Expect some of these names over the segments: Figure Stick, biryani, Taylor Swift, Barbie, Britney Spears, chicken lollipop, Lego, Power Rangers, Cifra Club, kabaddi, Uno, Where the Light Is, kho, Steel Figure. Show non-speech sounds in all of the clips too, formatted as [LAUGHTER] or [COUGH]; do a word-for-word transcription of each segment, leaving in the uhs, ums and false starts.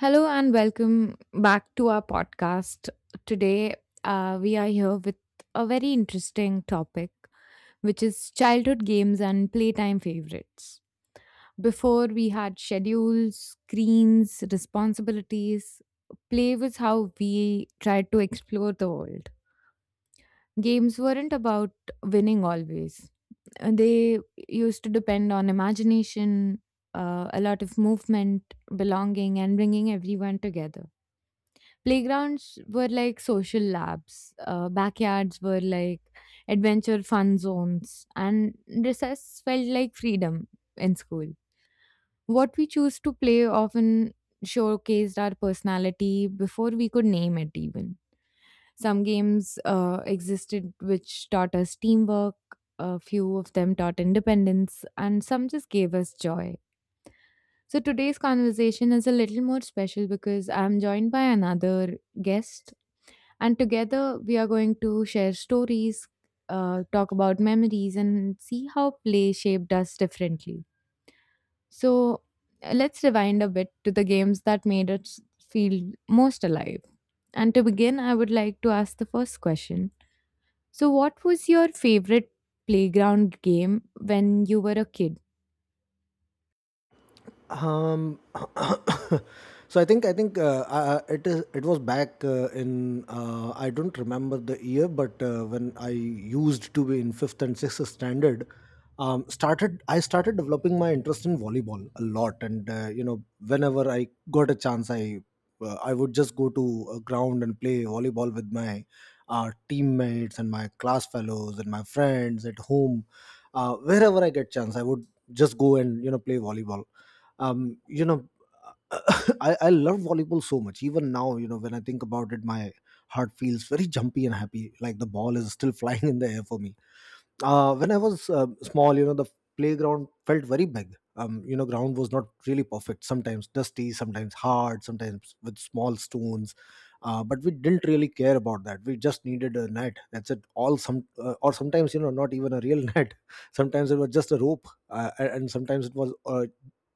Hello and welcome back to our podcast. Today, uh, we are here with a very interesting topic, which is childhood games and playtime favorites. Before, we had schedules, screens, responsibilities. Play was how we tried to explore the world. Games weren't about winning always. Uh, they used to depend on imagination, uh, a lot of movement, belonging, and bringing everyone together. Playgrounds were like social labs, uh, backyards were like adventure fun zones, and recess felt like freedom in school. What we choose to play often showcased our personality before we could name it, even. Some games uh, existed which taught us teamwork, a few of them taught independence, and some just gave us joy. So today's conversation is a little more special because I'm joined by another guest and together, we are going to share stories, uh, talk about memories, and see how play shaped us differently. So, uh, let's rewind a bit to the games that made us feel most alive. And to begin, I would like to ask the first question. So, what was your favorite playground game when you were a kid? Um, [COUGHS] so I think I think uh, uh, it is it was back uh, in, uh, I don't remember the year, but uh, when I used to be in fifth and sixth standard, um, started I started developing my interest in volleyball a lot, and uh, you know whenever I got a chance, I uh, I would just go to a ground and play volleyball with my uh, teammates and my class fellows and my friends at home. Uh, wherever I get chance, I would just go and you know play volleyball um, you know, [COUGHS] [LAUGHS] I, I love volleyball so much. Even now, you know, when I think about it, my heart feels very jumpy and happy, like the ball is still [LAUGHS] flying in the air for me uh, when I was uh, small. You know, the playground felt very big. Um, you know, ground was not really perfect. Sometimes dusty, sometimes hard, sometimes with small stones. Uh, but we didn't really care about that. We just needed a net. That's it. All some uh, or sometimes, you know not even a real [LAUGHS] net. Sometimes it was just a rope, uh, a- and sometimes it was uh,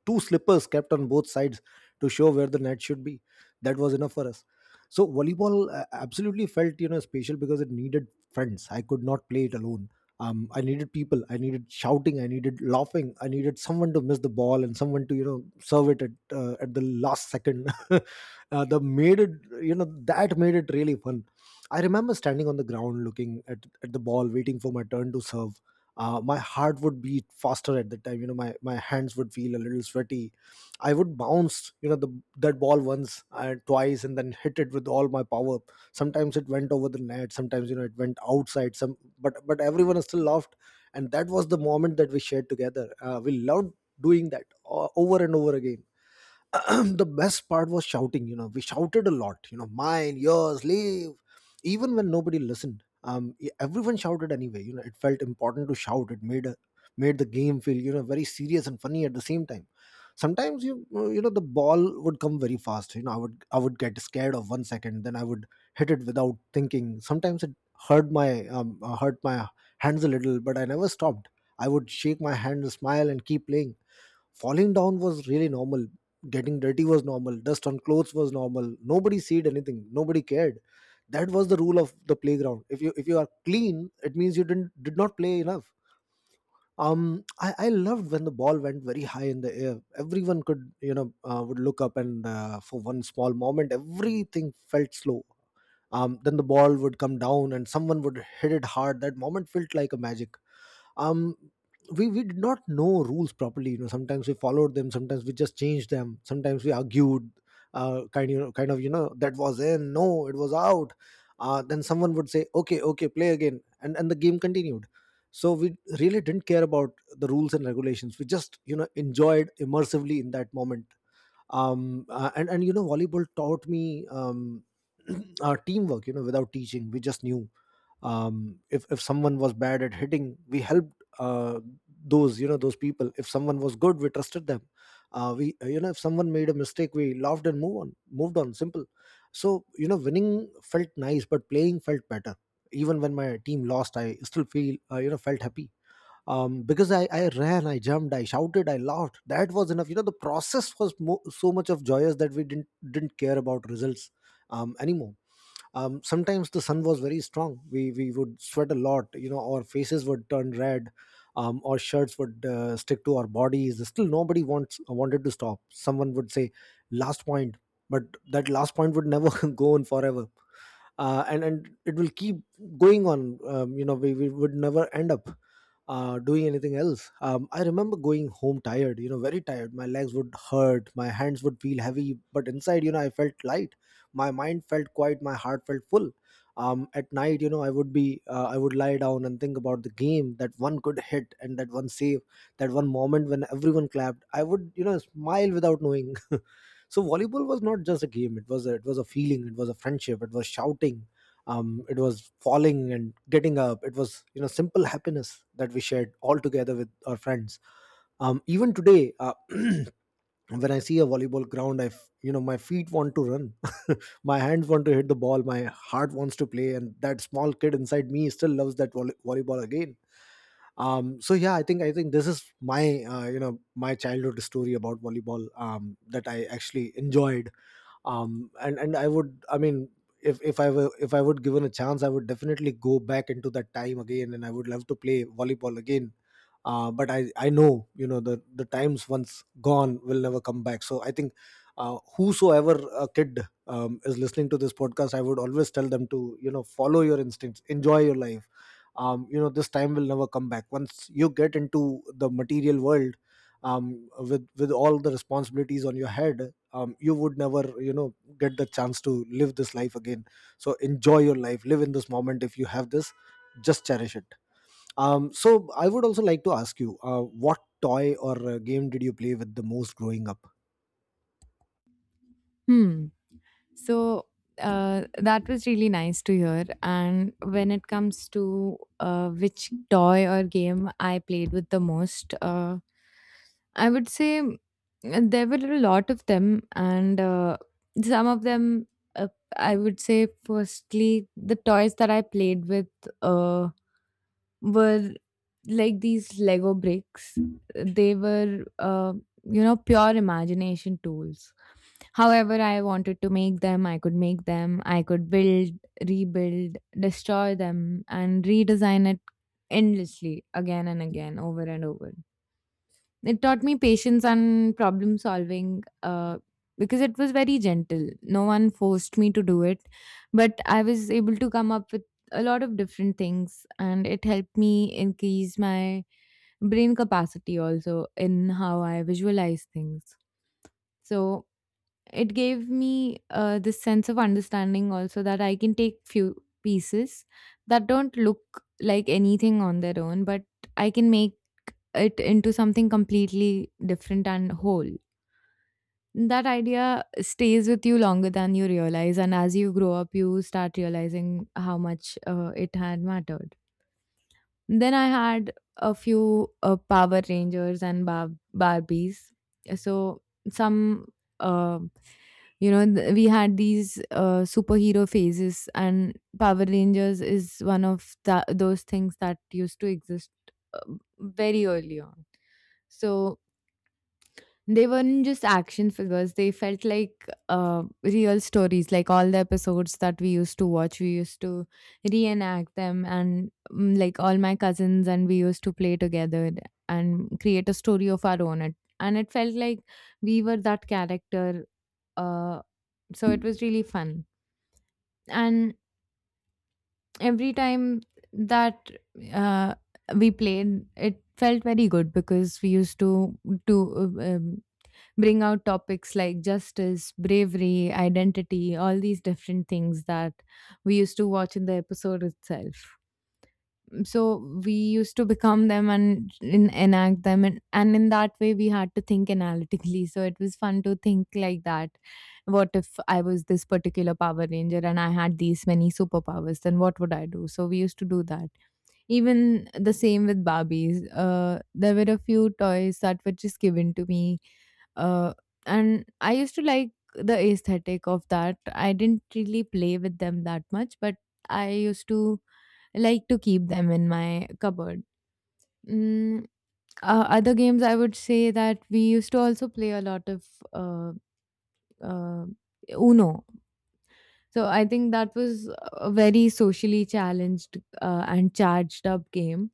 two slippers kept on both sides to show where the net should be. That was enough for us. So volleyball uh, absolutely felt you know special because it needed friends. I could not play it alone. Um, i needed people, I needed shouting, I needed laughing, I needed someone to miss the ball and someone to you know serve it at, uh, at the last second. [LAUGHS] uh, the made it you know that made it really fun. I remember standing on the ground looking at, at the ball, waiting for my turn to serve. Uh, my heart would beat faster at the time. you know my, my hands would feel a little sweaty. I would bounce you know the that ball once and twice and then hit it with all my power. Sometimes it went over the net, sometimes you know it went outside some, but but everyone still laughed, and that was the moment that we shared together. Uh, we loved doing that o- over and over again. [CLEARS THROAT] The best part was shouting. You know we shouted a lot. You know mine, yours, leave, even when nobody listened. Um e- everyone shouted anyway. You know it felt important to shout. It made a, made the game feel you know very serious and funny at the same time. Sometimes, you uh, you know the ball would come very fast. You know i would i would get scared of one second, then I would hit it without thinking. Sometimes it hurt my um, uh, hurt my hands a little, but I never stopped. I would shake my hand, smile and keep playing. Falling down was really normal. Getting dirty was normal. Dust on clothes was normal. Nobody said anything. Nobody cared. That was the rule of the playground: if you if you are clean, it means you didn't did not play enough. Um i i loved when the ball went very high in the air. Everyone could you know uh, would look up, and uh, for one small moment everything felt slow. Um then the ball would come down and someone would hit it hard. That moment felt like a magic. Um we, we did not know rules properly. You know sometimes we followed them, sometimes we just changed them, sometimes we argued, uh, kind you know, kind of you know That was in, no, it was out. Uh, then someone would say, okay, okay, play again, and and the game continued. So we really didn't care about the rules and regulations. We just you know enjoyed immersively in that moment. Um uh, and and you know volleyball taught me um [CLEARS THROAT] uh, teamwork. You know without teaching, we just knew. Um, if if someone was bad at hitting, we helped uh, those you know those people. If someone was good, we trusted them. Uh, we uh, you know if someone made a mistake, we laughed and move on moved on. Simple. So you know winning felt nice, but playing felt better. Even when my team lost, I still feel uh, you know felt happy, um, because I, I ran, I jumped, I shouted, I laughed. That was enough. You know, the process was mo- so much of joyous that we didn't didn't care about results um, anymore. Um, sometimes the sun was very strong, we we would sweat a lot, you know our faces would turn red. Um, our shirts would uh, stick to our bodies. Still, nobody wants wanted to stop. Someone would say, last point, but that last point would never [LAUGHS] go on forever. Uh, and and it will keep going on. Um, you know, we, we would never end up uh, doing anything else. Um, I remember going home tired. You know, very tired. My legs would hurt. My hands would feel heavy. But inside, you know, I felt light. My mind felt quiet. My heart felt full. Um, at night, you know, I would be, uh, I would lie down and think about the game, that one could hit and that one save, that one moment when everyone clapped. I would, you know, smile without knowing. So volleyball was not just a game, it was a, it was a feeling, it was a friendship, it was shouting. Um, it was falling and getting up. It was you know simple happiness that we shared all together with our friends. Um, even today, uh, [CLEARS THROAT] when I see a volleyball ground, I f- you know my feet want to run. [LAUGHS] My hands want to hit the ball, my heart wants to play, and that small kid inside me still loves that volley- volleyball again. Um, so yeah, i think i think this is my uh, you know my childhood story about volleyball, um, that I actually enjoyed. Um and and I would I mean, if if I were if I would given a chance, I would definitely go back into that time again, and I would love to play volleyball again. Uh, but I, I know, you know the the times once gone will never come back, so I think uh, whosoever a kid um, is listening to this podcast, I would always tell them to you know follow your instincts, enjoy your life. Um, you know this time will never come back once you get into the material world, um, with with all the responsibilities on your head. Um, you would never you know get the chance to live this life again. So enjoy your life, live in this moment. If you have this, just cherish it. Um, so I would also like to ask you, uh, what toy or uh, game did you play with the most growing up? Hmm. So, uh, that was really nice to hear. And when it comes to uh, which toy or game I played with the most, uh, I would say, mm, there were a lot of them, and uh, some of them. Uh, I would say, firstly, the toys that I played with uh, were like these Lego bricks. They were, uh, you know, pure imagination tools. However, I wanted to make them, I could make them, I could build, rebuild, destroy them, and redesign it endlessly again and again, over and over. It taught me patience and problem solving, uh, because it was very gentle. No one forced me to do it, but I was able to come up with a lot of different things, and it helped me increase my brain capacity also in how I visualize things. So it gave me uh, this sense of understanding also that I can take few pieces that don't look like anything on their own, but I can make it into something completely different and whole. That idea stays with you longer than you realize, and as you grow up, you start realizing how much uh, it had mattered. Then I had a few uh, Power Rangers and Bar- Barbies. So some, uh, you know, th- we had these uh, superhero phases, and Power Rangers is one of tha- those things that used to exist uh, very early on. So they weren't just action figures, they felt like uh, real stories. Like all the episodes that we used to watch, we used to reenact them, and, mm, like all my cousins, and we used to play together and create a story of our own. It- And it felt like we were that character, uh, so it was really fun and every time that uh, we played it felt very good because we used to to uh, um, bring out topics like justice, bravery, identity, all these different things that we used to watch in the episode itself. So we used to become them and en- enact them, and, and in that way we had to think analytically, so it was fun to think like that. What if I was this particular Power Ranger and I had these many superpowers, then what would I do? So we used to do that. Even the same with Barbies. Uh, there were a few toys that were just given to me, uh, and I used to like the aesthetic of that. I didn't really play with them that much, but I used to like to keep them in my cupboard. Mm, uh, other games, I would say that we used to also play a lot of uh, uh, Uno. So I think that was a very socially challenged uh, and charged up game,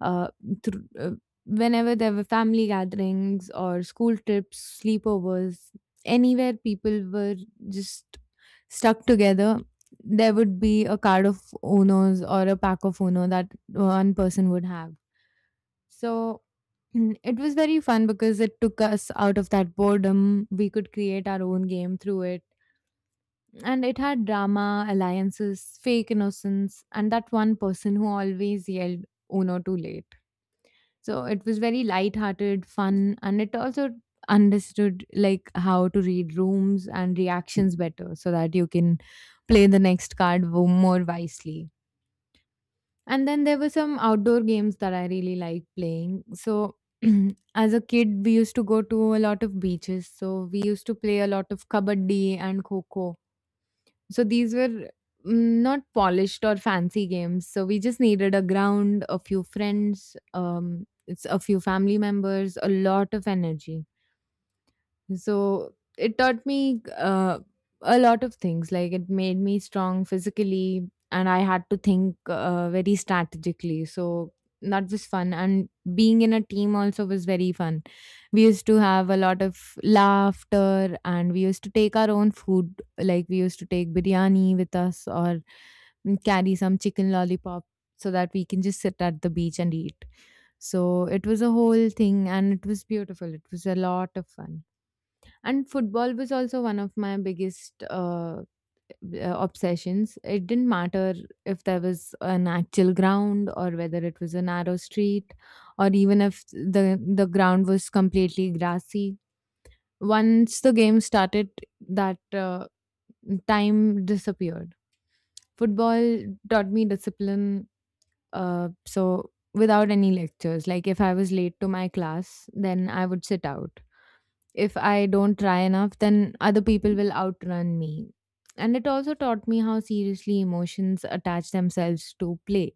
uh, thr uh, whenever there were family gatherings or school trips, sleepovers, anywhere people were just stuck together, there would be a card of Unos or a pack of Uno that one person would have. So [CLEARS THROAT] it was very fun because it took us out of that boredom. We could create our own game through it. And it had drama, alliances, fake innocence, and that one person who always yelled Uno too late. So it was very light-hearted, fun, and it also understood like how to read rooms and reactions better so that you can play the next card wo- more wisely. And then there were some outdoor games that I really liked playing. So [CLEARS THROAT] as a kid, we used to go to a lot of beaches. So we used to play a lot of kabaddi and kho. So these were, mm, not polished or fancy games. So we just needed a ground, a few friends, um, it's a few family members, a lot of energy. So it taught me uh, a lot of things. Like it made me strong physically, and I had to think uh, very strategically. So that was fun. And being in a team also was very fun. We used to have a lot of laughter, and we used to take our own food. Like we used to take biryani with us, or carry some chicken lollipop so that we can just sit at the beach and eat. So it was a whole thing, and it was beautiful. It was a lot of fun. And football was also one of my biggest uh, uh, obsessions. It didn't matter if there was an actual ground or whether it was a narrow street or even if the the ground was completely grassy. Once the game started, that, uh, time disappeared. Football taught me discipline. Uh, so without any lectures, like if I was late to my class, then I would sit out. If I don't try enough, then other people will outrun me. And it also taught me how seriously emotions attach themselves to play.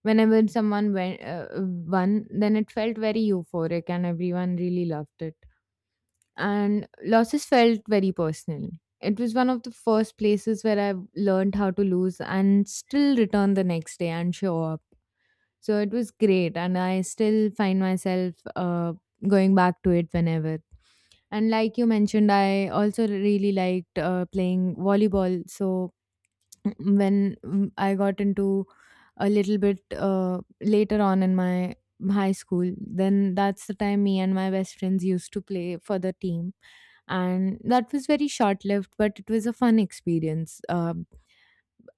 Whenever someone went, uh, won, then it felt very euphoric and everyone really loved it. And losses felt very personal. It was one of the first places where I learned how to lose and still return the next day and show up. So it was great, and I still find myself uh, going back to it whenever. And like you mentioned, I also really liked uh, playing volleyball. So [CLEARS THROAT] when, mm, I got into a little bit uh, later on in my high school, then that's the time me and my best friends used to play for the team. And that was very short lived, but it was a fun experience. Um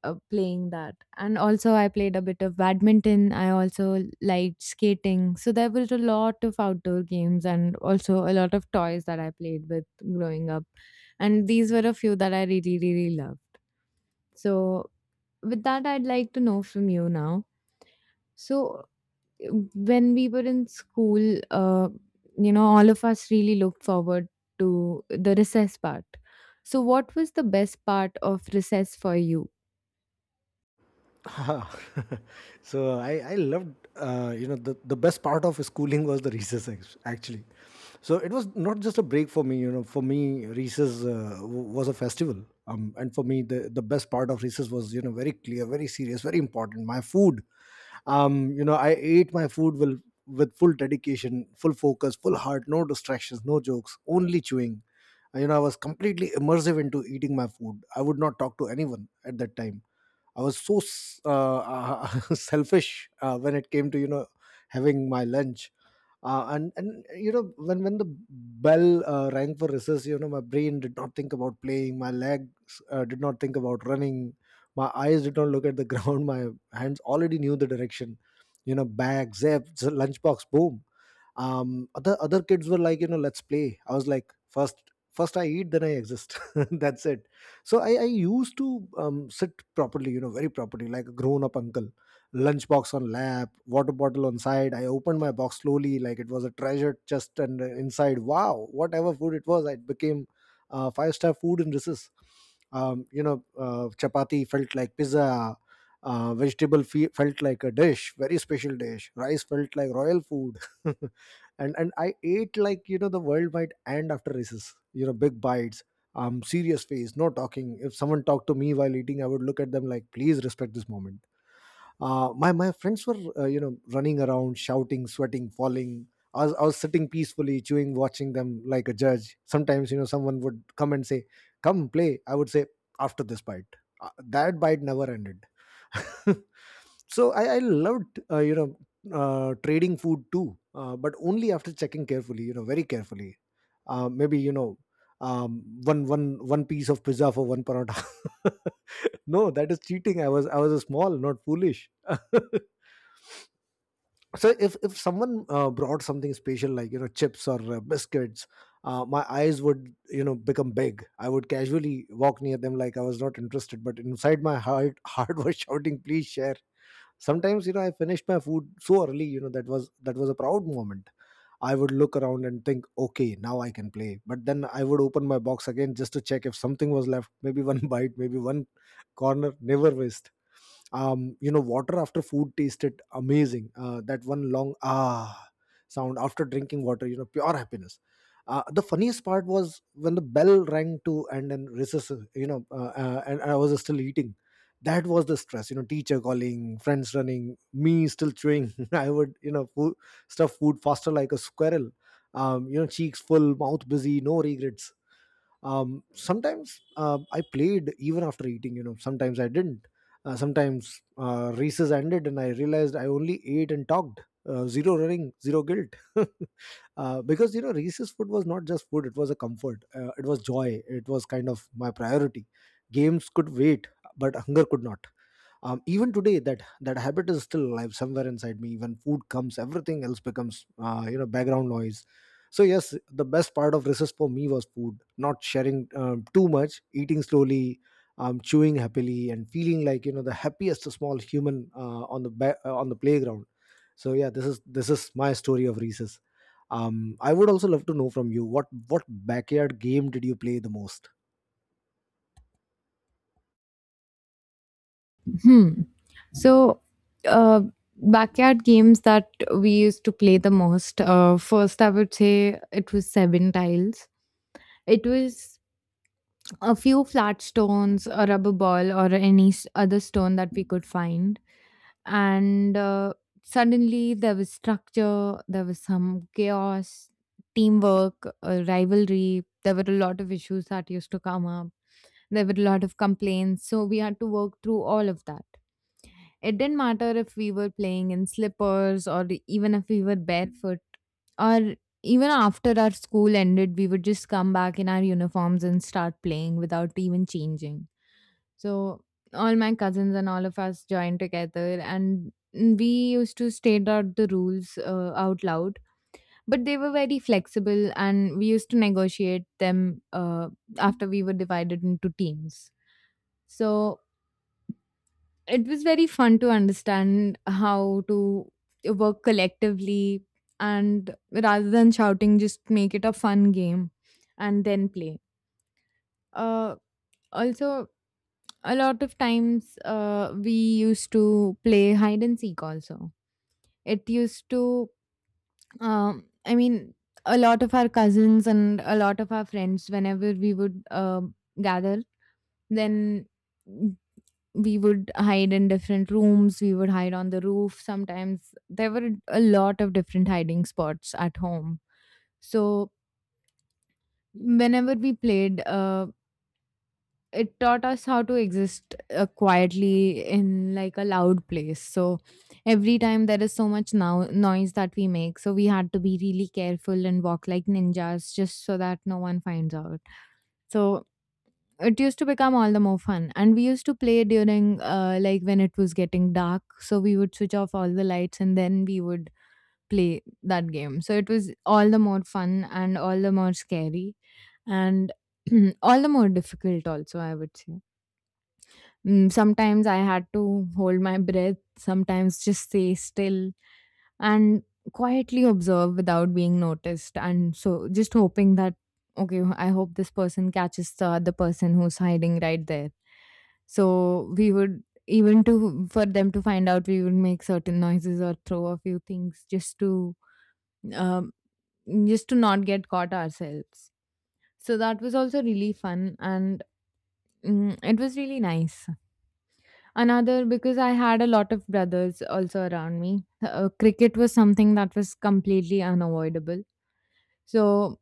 uh, playing that. And also, I played a bit of badminton. I also liked skating. So there was a lot of outdoor games and also a lot of toys that I played with growing up. And these were a few that I really, really loved. So, with that, I'd like to know from you now. So, uh, when we were in school, uh, you know, all of us really looked forward to the recess part. So, what was the best part of recess for you? Ah, [LAUGHS] so I, I loved, uh, you know the, the best part of schooling was the recess act- actually. So it was not just a break for me. You know for me, recess uh, w- was a festival, um, and for me the, the best part of recess was you know very clear, very serious, very important: my food. Um you know i ate my food will with full dedication, full focus, full heart, no distractions, no jokes, only chewing. Uh, you know i was completely immersive into eating my food. I would not talk to anyone at that time. I was so s- uh, [LAUGHS] selfish uh, when it came to you know having my lunch. Uh, and and you know when when the bell uh, rang for recess, you know my brain did not think about playing, my legs uh, did not think about running, my eyes did not look at the [LAUGHS] ground, my hands already knew the direction. You know bag, zip, z- [LAUGHS] lunchbox, boom. Um, other other kids were like, you know let's play. I was like, first, first I eat, then I exist. [LAUGHS] That's it. So I, I used to um, sit properly, you know, very properly, like a grown-up uncle. Lunchbox on lap, water bottle on side. I opened my box slowly, like it was a treasure chest, and uh, inside, wow, whatever food it was, it became uh, five-star food in recess. Um, you know, uh, chapati felt like pizza. Uh, vegetable fe- felt like a dish, very special dish. Rice felt like royal food. [LAUGHS] and and I ate like you know the world might end after races. You know, big bites, um, serious face, no talking. If someone talked to me while eating, I would look at them like, please respect this moment. Uh, my, my friends were, uh, you know, running around, shouting, sweating, falling. I was, I was sitting peacefully, chewing, watching them like a judge. Sometimes, you know, someone would come and say, come play. I would say, after this bite. Uh, that bite never ended. [LAUGHS] so I, I loved, uh, you know, uh, trading food too, uh, but only after checking carefully, you know, very carefully. Uh, maybe you know, um, one one one piece of pizza for one paratha. [LAUGHS] No, that is cheating. I was I was a small, not foolish. [LAUGHS] So if if someone uh, brought something special like, you know, chips or uh, biscuits, uh, my eyes would, you know, become big. I would casually walk near them like I was not interested, but inside my heart [LAUGHS] heart was shouting, "Please share." Sometimes, you know, I finished my food so early, you know, that was that was a proud moment. I would look around and think, okay, now I can play, but then I would open my box again just to check if something was left, maybe one [LAUGHS] bite, maybe one corner. Never waste. Um you know, water after food tasted amazing. Uh, that one long ah sound after drinking water, you know, pure happiness. Uh, the funniest part was when the bell rang to and then recess, you know uh, uh, and I was still eating. That was the stress, you know, teacher calling, friends running, me still chewing. [LAUGHS] I would, you know, food, stuff food faster like a squirrel. Um, you know, cheeks full, mouth busy, no regrets. Um, sometimes uh, I played even after eating, you know, sometimes I didn't. Uh, sometimes uh, races ended and I realized I only ate and talked. Uh, zero running, zero guilt. [LAUGHS] Uh, because, you know, Reese's food was not just food; it was a comfort. Uh, it was joy. It was kind of my priority. Games could wait, but hunger could not. Um, even today, that that habit is still alive somewhere inside me. When food comes, everything else becomes, uh, you know, background noise. So yes, the best part of recess for me was food, not sharing, um, too much eating slowly, um, chewing happily and feeling like, you know, the happiest small human uh, on the ba- uh, on the playground. So yeah, this is this is my story of recess. um, I would also love to know from you, what what backyard game did you play the most? Hmm. So, uh, backyard games that we used to play the most. Uh, first, I would say it was seven tiles. It was a few flat stones, a rubber ball, or any s- other stone that we could find. And uh, suddenly there was structure, there was some chaos, teamwork, uh, rivalry. There were a lot of issues that used to come up. There were a lot of complaints. So, we had to work through all of that. It didn't matter if we were playing in slippers or even if we were barefoot. Or even after our school ended, we would just come back in our uniforms and start playing without even changing. So all my cousins and all of us joined together and we used to state out the rules uh, out loud, but they were very flexible and we used to negotiate them, uh, after we were divided into teams. So it was very fun to understand how to work collectively and rather than shouting just make it a fun game and then play. uh, also a lot of times uh, we used to play hide and seek also. It used to, um, i mean a lot of our cousins and a lot of our friends whenever we would uh, gather, then we would hide in different rooms, we would hide on the roof sometimes. There were a lot of different hiding spots at home. So, whenever we played, uh, it taught us how to exist uh, quietly in like a loud place. So, every time there is so much now noise that we make, so we had to be really careful and walk like ninjas just so that no one finds out. So, it used to become all the more fun, and we used to play during uh, like when it was getting dark. So we would switch off all the lights and then we would play that game. So it was all the more fun and all the more scary and [CLEARS THROAT] all the more difficult also, I would say. Mm, sometimes I had to hold my breath, sometimes just stay still and quietly observe without being noticed, and so just hoping that, okay, I hope this person catches the other person who's hiding right there. So we would, even to for them to find out, we would make certain noises or throw a few things just to um, just to not get caught ourselves. So that was also really fun. And mm, it was really nice. Another, because I had a lot of brothers also around me, uh, cricket was something that was completely unavoidable. So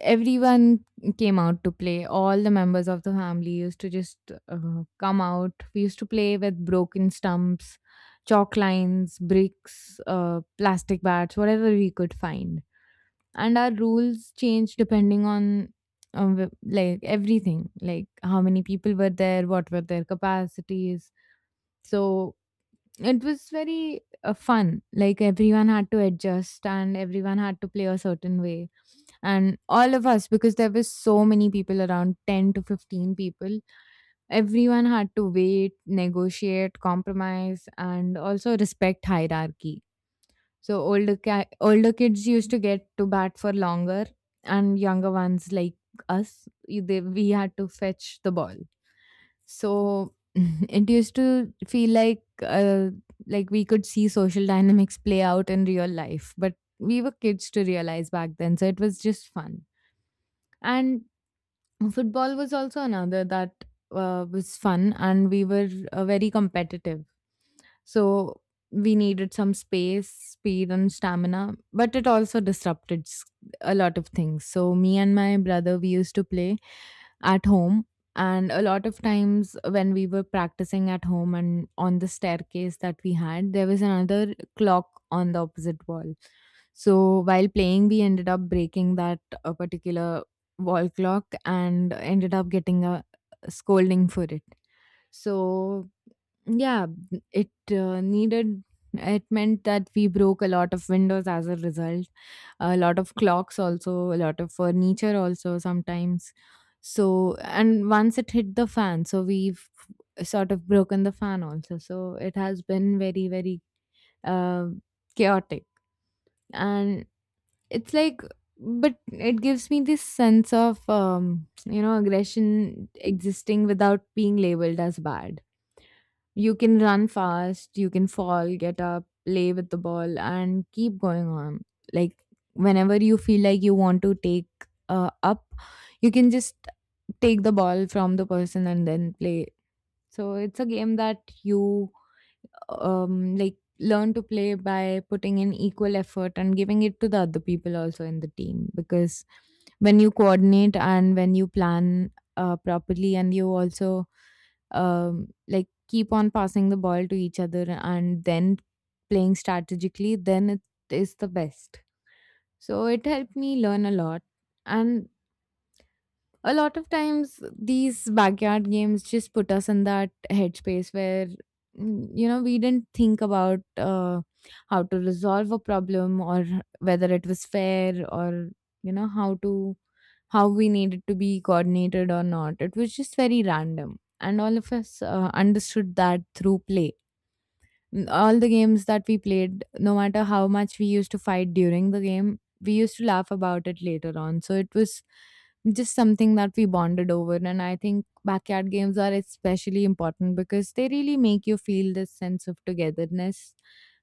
everyone came out to play. All the members of the family used to just uh, come out. We used to play with broken stumps, chalk lines, bricks, uh, plastic bats, whatever we could find. And our rules changed depending on, um, w- like, everything, like how many people were there, what were their capacities. So it was very uh, fun. Like everyone had to adjust and everyone had to play a certain way, and all of us, because there were so many people, around ten to fifteen people, everyone had to wait, negotiate, compromise, and also respect hierarchy. So older ki- older kids used to get to bat for longer, and younger ones, like us, y- they, we had to fetch the ball. So [LAUGHS] it used to feel like, uh, like, we could see social dynamics play out in real life, but we were kids to realize back then, so it was just fun. And football was also another that, uh, was fun, and we were uh, very competitive. So we needed some space, speed, and stamina, but it also disrupted s- a lot of things. So me and my brother, we used to play at home. And a lot of times when we were practicing at home and on the staircase that we had, there was another clock on the opposite wall. So while playing, we ended up breaking that uh, particular wall clock and ended up getting a scolding for it. So yeah, it uh, needed it meant that we broke a lot of windows as a result, a lot of clocks also, a lot of furniture also sometimes. So, and once it hit the fan, so we've sort of broken the fan also. So it has been very, very uh, chaotic. And it's like, but it gives me this sense of, um, you know, aggression existing without being labeled as bad. You can run fast, you can fall, get up, play with the ball, and keep going on. Like, whenever you feel like you want to take uh, up, you can just take the ball from the person and then play. So it's a game that you, um, like, learn to play by putting in equal effort and giving it to the other people also in the team, because when you coordinate and when you plan uh, properly, and you also, um, like, keep on passing the ball to each other, and then playing strategically, then it is the best. So it helped me learn a lot. And a lot of times these backyard games just put us in that headspace where, mm, you know, we didn't think about, uh, how to resolve a problem, or whether it was fair, or, you know, how to, how we needed to be coordinated or not. It was just very random, and all of us uh, understood that through play. N- all the games that we played, no matter how much we used to fight during the game, we used to laugh about it later on. So it was just something that we bonded over. And I think backyard games are especially important because they really make you feel this sense of togetherness.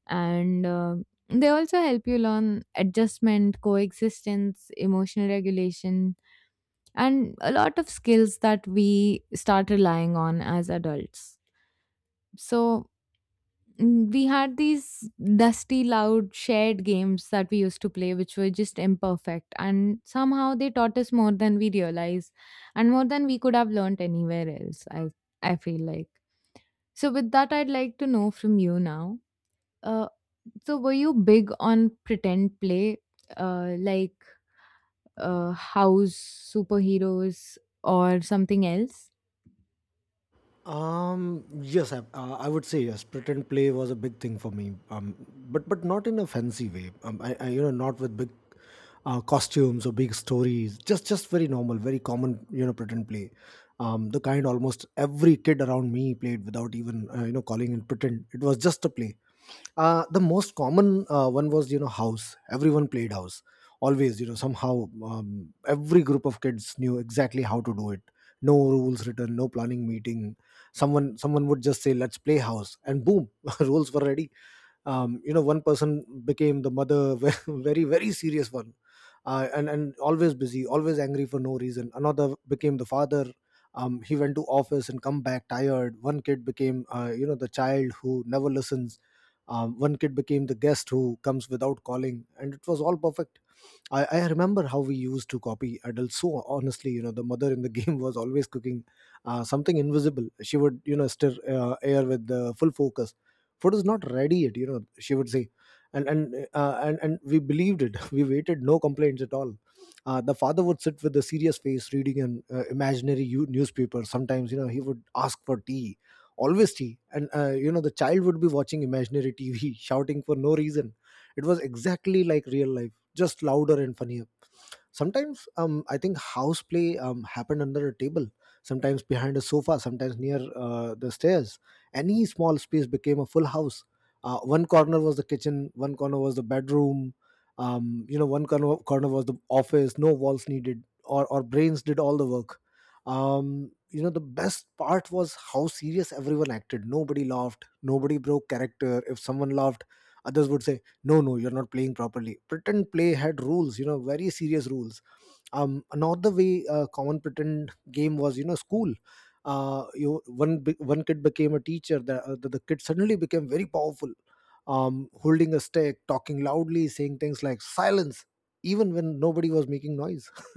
And uh, they also help you learn adjustment, coexistence, emotional regulation, and a lot of skills that we start relying on as adults. So, mm, we had these dusty, loud, shared games that we used to play, which were just imperfect. And somehow they taught us more than we realized, and more than we could have learned anywhere else, I, I feel like. So, with that, I'd like to know from you now. Uh, so, were you big on pretend play, uh, like, uh, house, superheroes, or something else? Um, yes, I, uh, I would say yes. Pretend play was a big thing for me, um, but but not in a fancy way. Um, I, I you know, not with big uh, costumes or big stories. Just just very normal, very common. You know, pretend play. Um, the kind almost every kid around me played without even, uh, you know, calling it pretend. It was just a play. Uh, the most common uh, one was, you know, house. Everyone played house. Always, you know, somehow, um, every group of kids knew exactly how to do it. No rules written, no planning meeting, someone someone would just say, let's play house, and boom, [LAUGHS] rules were ready. Um, you know, one person became the mother, [LAUGHS] very very serious one, uh, and and always busy, always angry for no reason. Another became the father. Um, he went to office and come back tired. One kid became, uh, you know, the child who never listens. Um, one kid became the guest who comes without calling, and it was all perfect. I, I remember how we used to copy adults so honestly. You know, the mother in the [LAUGHS] game was always cooking uh, something invisible. She would, you know, stir uh, air with the full focus. Food is not ready yet, you know, she would say, and and uh, and, and we believed it. [LAUGHS] We waited, no complaints at all. Uh, the father would sit with a serious face, reading an uh, imaginary u- newspaper. Sometimes, you know, he would ask for tea, always tea. And uh, you know, the child would be watching imaginary tv, [LAUGHS] shouting for no reason. It was exactly like real life, just louder and funnier. Sometimes, um, I think house play um, happened under a table, sometimes behind a sofa, sometimes near uh, the stairs. Any small space became a full house. Uh, one corner was the kitchen, one corner was the bedroom, um, you know, one corner, corner was the office. No walls needed, or, or brains did all the work. Um, you know, the best part was how serious everyone acted. Nobody laughed, nobody broke character. If someone laughed, others would say, no no you're not playing properly. Pretend play had rules, you know, very serious rules. Um another way uh, common pretend game was, you know, school. uh you One bi- one kid became a teacher. The, uh, the the kid suddenly became very powerful, um, holding a stick, talking loudly, saying things like silence, even when nobody was making noise. [LAUGHS]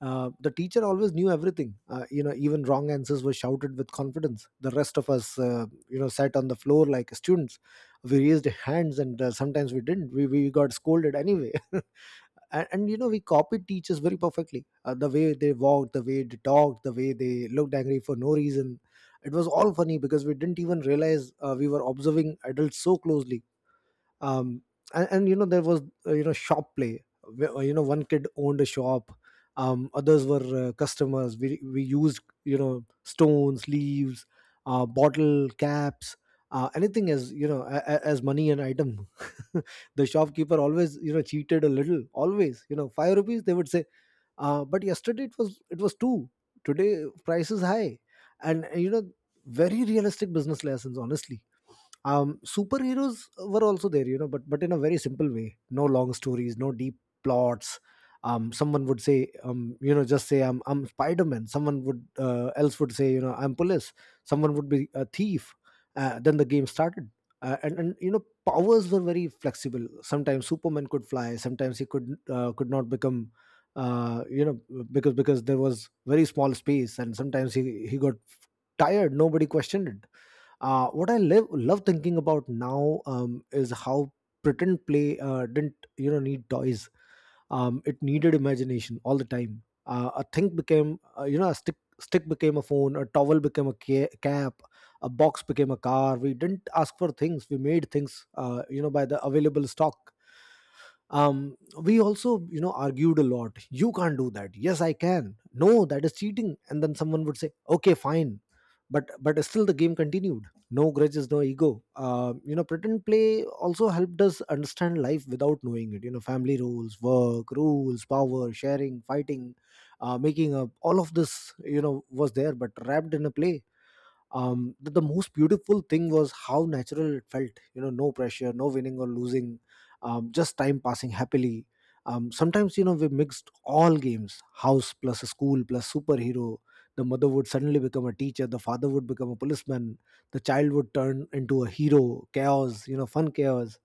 uh, The teacher always knew everything. Uh, you know, even wrong answers were shouted with confidence. The rest of us, uh, you know, sat on the floor like students. We raised hands and uh, sometimes we didn't. We, we got scolded anyway. [LAUGHS] and, and you know, we copied teachers very perfectly, uh, the way they walked, the way they talked, the way they looked angry for no reason. It was all funny because we didn't even realize uh, we were observing adults so closely. um and, and you know, there was, uh, you know, shop play, where, uh, you know, one kid owned a shop, um others were uh, customers. We we used, you know, stones, leaves, uh bottle caps, uh, anything as, you know, a, a- as money and item. [LAUGHS] The shopkeeper always, you know, cheated a little. Always, you know, five rupees they would say, uh, but yesterday it was it was two, today price is high. And, uh, you know, very realistic business lessons honestly. Um superheroes were also there, you know, but but in a very simple way, no long stories, no deep plots. Um someone would say, um you know, just say, i'm i'm Spider-Man. Someone would uh, else would say, you know, I'm police. Someone would be a thief. Uh, then the game started. uh, and and you know, powers were very flexible. Sometimes Superman could fly, sometimes he could uh, could not become, uh, you know, because because there was very small space, and sometimes he he got tired. Nobody questioned it. Uh, what I live, love thinking about now, um, is how pretend play uh, didn't, you know, need toys. Um, it needed imagination all the time. Uh, a thing became, uh, you know, a stick. Stick became a phone, a towel became a ca- cap, a box became a car. We didn't ask for things; we made things, uh, you know, by the available stock. Um we also, you know, argued a lot. You can't do that. Yes, I can. No, that is cheating. And then someone would say, okay fine, but but still the game continued. No grudges, no ego. Uh, you know, pretend play also helped us understand life without knowing it. You know, family rules, work rules, power sharing, fighting, uh, making up, all of this, you know, was there, but wrapped in a play. um the, the most beautiful thing was how natural it felt. You know, no pressure, no winning or losing, um, just time passing happily. Um, sometimes, you know, we mixed all games, house plus school plus superhero. The mother would suddenly become a teacher, the father would become a policeman, the child would turn into a hero. Chaos, you know, fun chaos.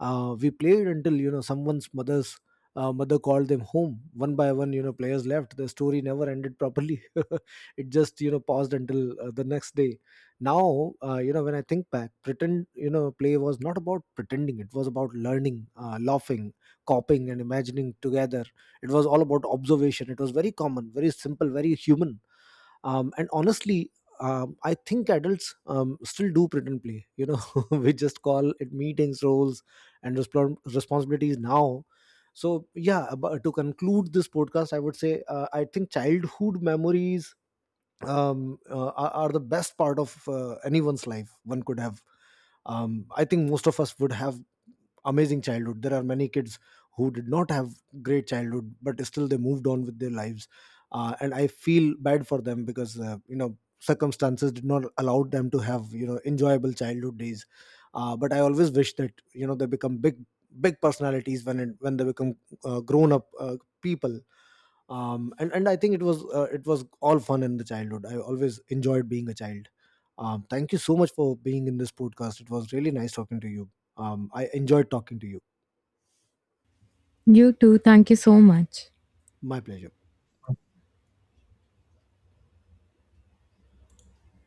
uh, We played until, you know, someone's mother's uh, mother called them home. One by one, you know, players left. The story never ended properly. [LAUGHS] It just, you know, paused until uh, the next day. Now, uh, you know, when I think back, pretend, you know, play was not about pretending. It was about learning, uh, laughing, copying and imagining together. It was all about observation. It was very common, very simple, very human. Um, and honestly, um, I think adults um, still do pretend play, you know. [LAUGHS] We just call it meetings, roles, and respon responsibilities now. So yeah, ab- to conclude this podcast, I would say, uh, I think childhood memories um, uh, are, are the best part of uh, anyone's life one could have. um, I think most of us would have amazing childhood. There are many kids who did not have great childhood, but still they moved on with their lives. Uh, and I feel bad for them because, uh, you know, circumstances did not allow them to have, you know, enjoyable childhood days. Uh, but I always wish that, you know, they become big big personalities when it, when they become uh, grown up uh, people. um and, and I think it was, uh, it was all fun in the childhood. I always enjoyed being a child. Um thank you so much for being in this podcast. It was really nice talking to you. um I enjoyed talking to you. You too. Thank you so much. My pleasure.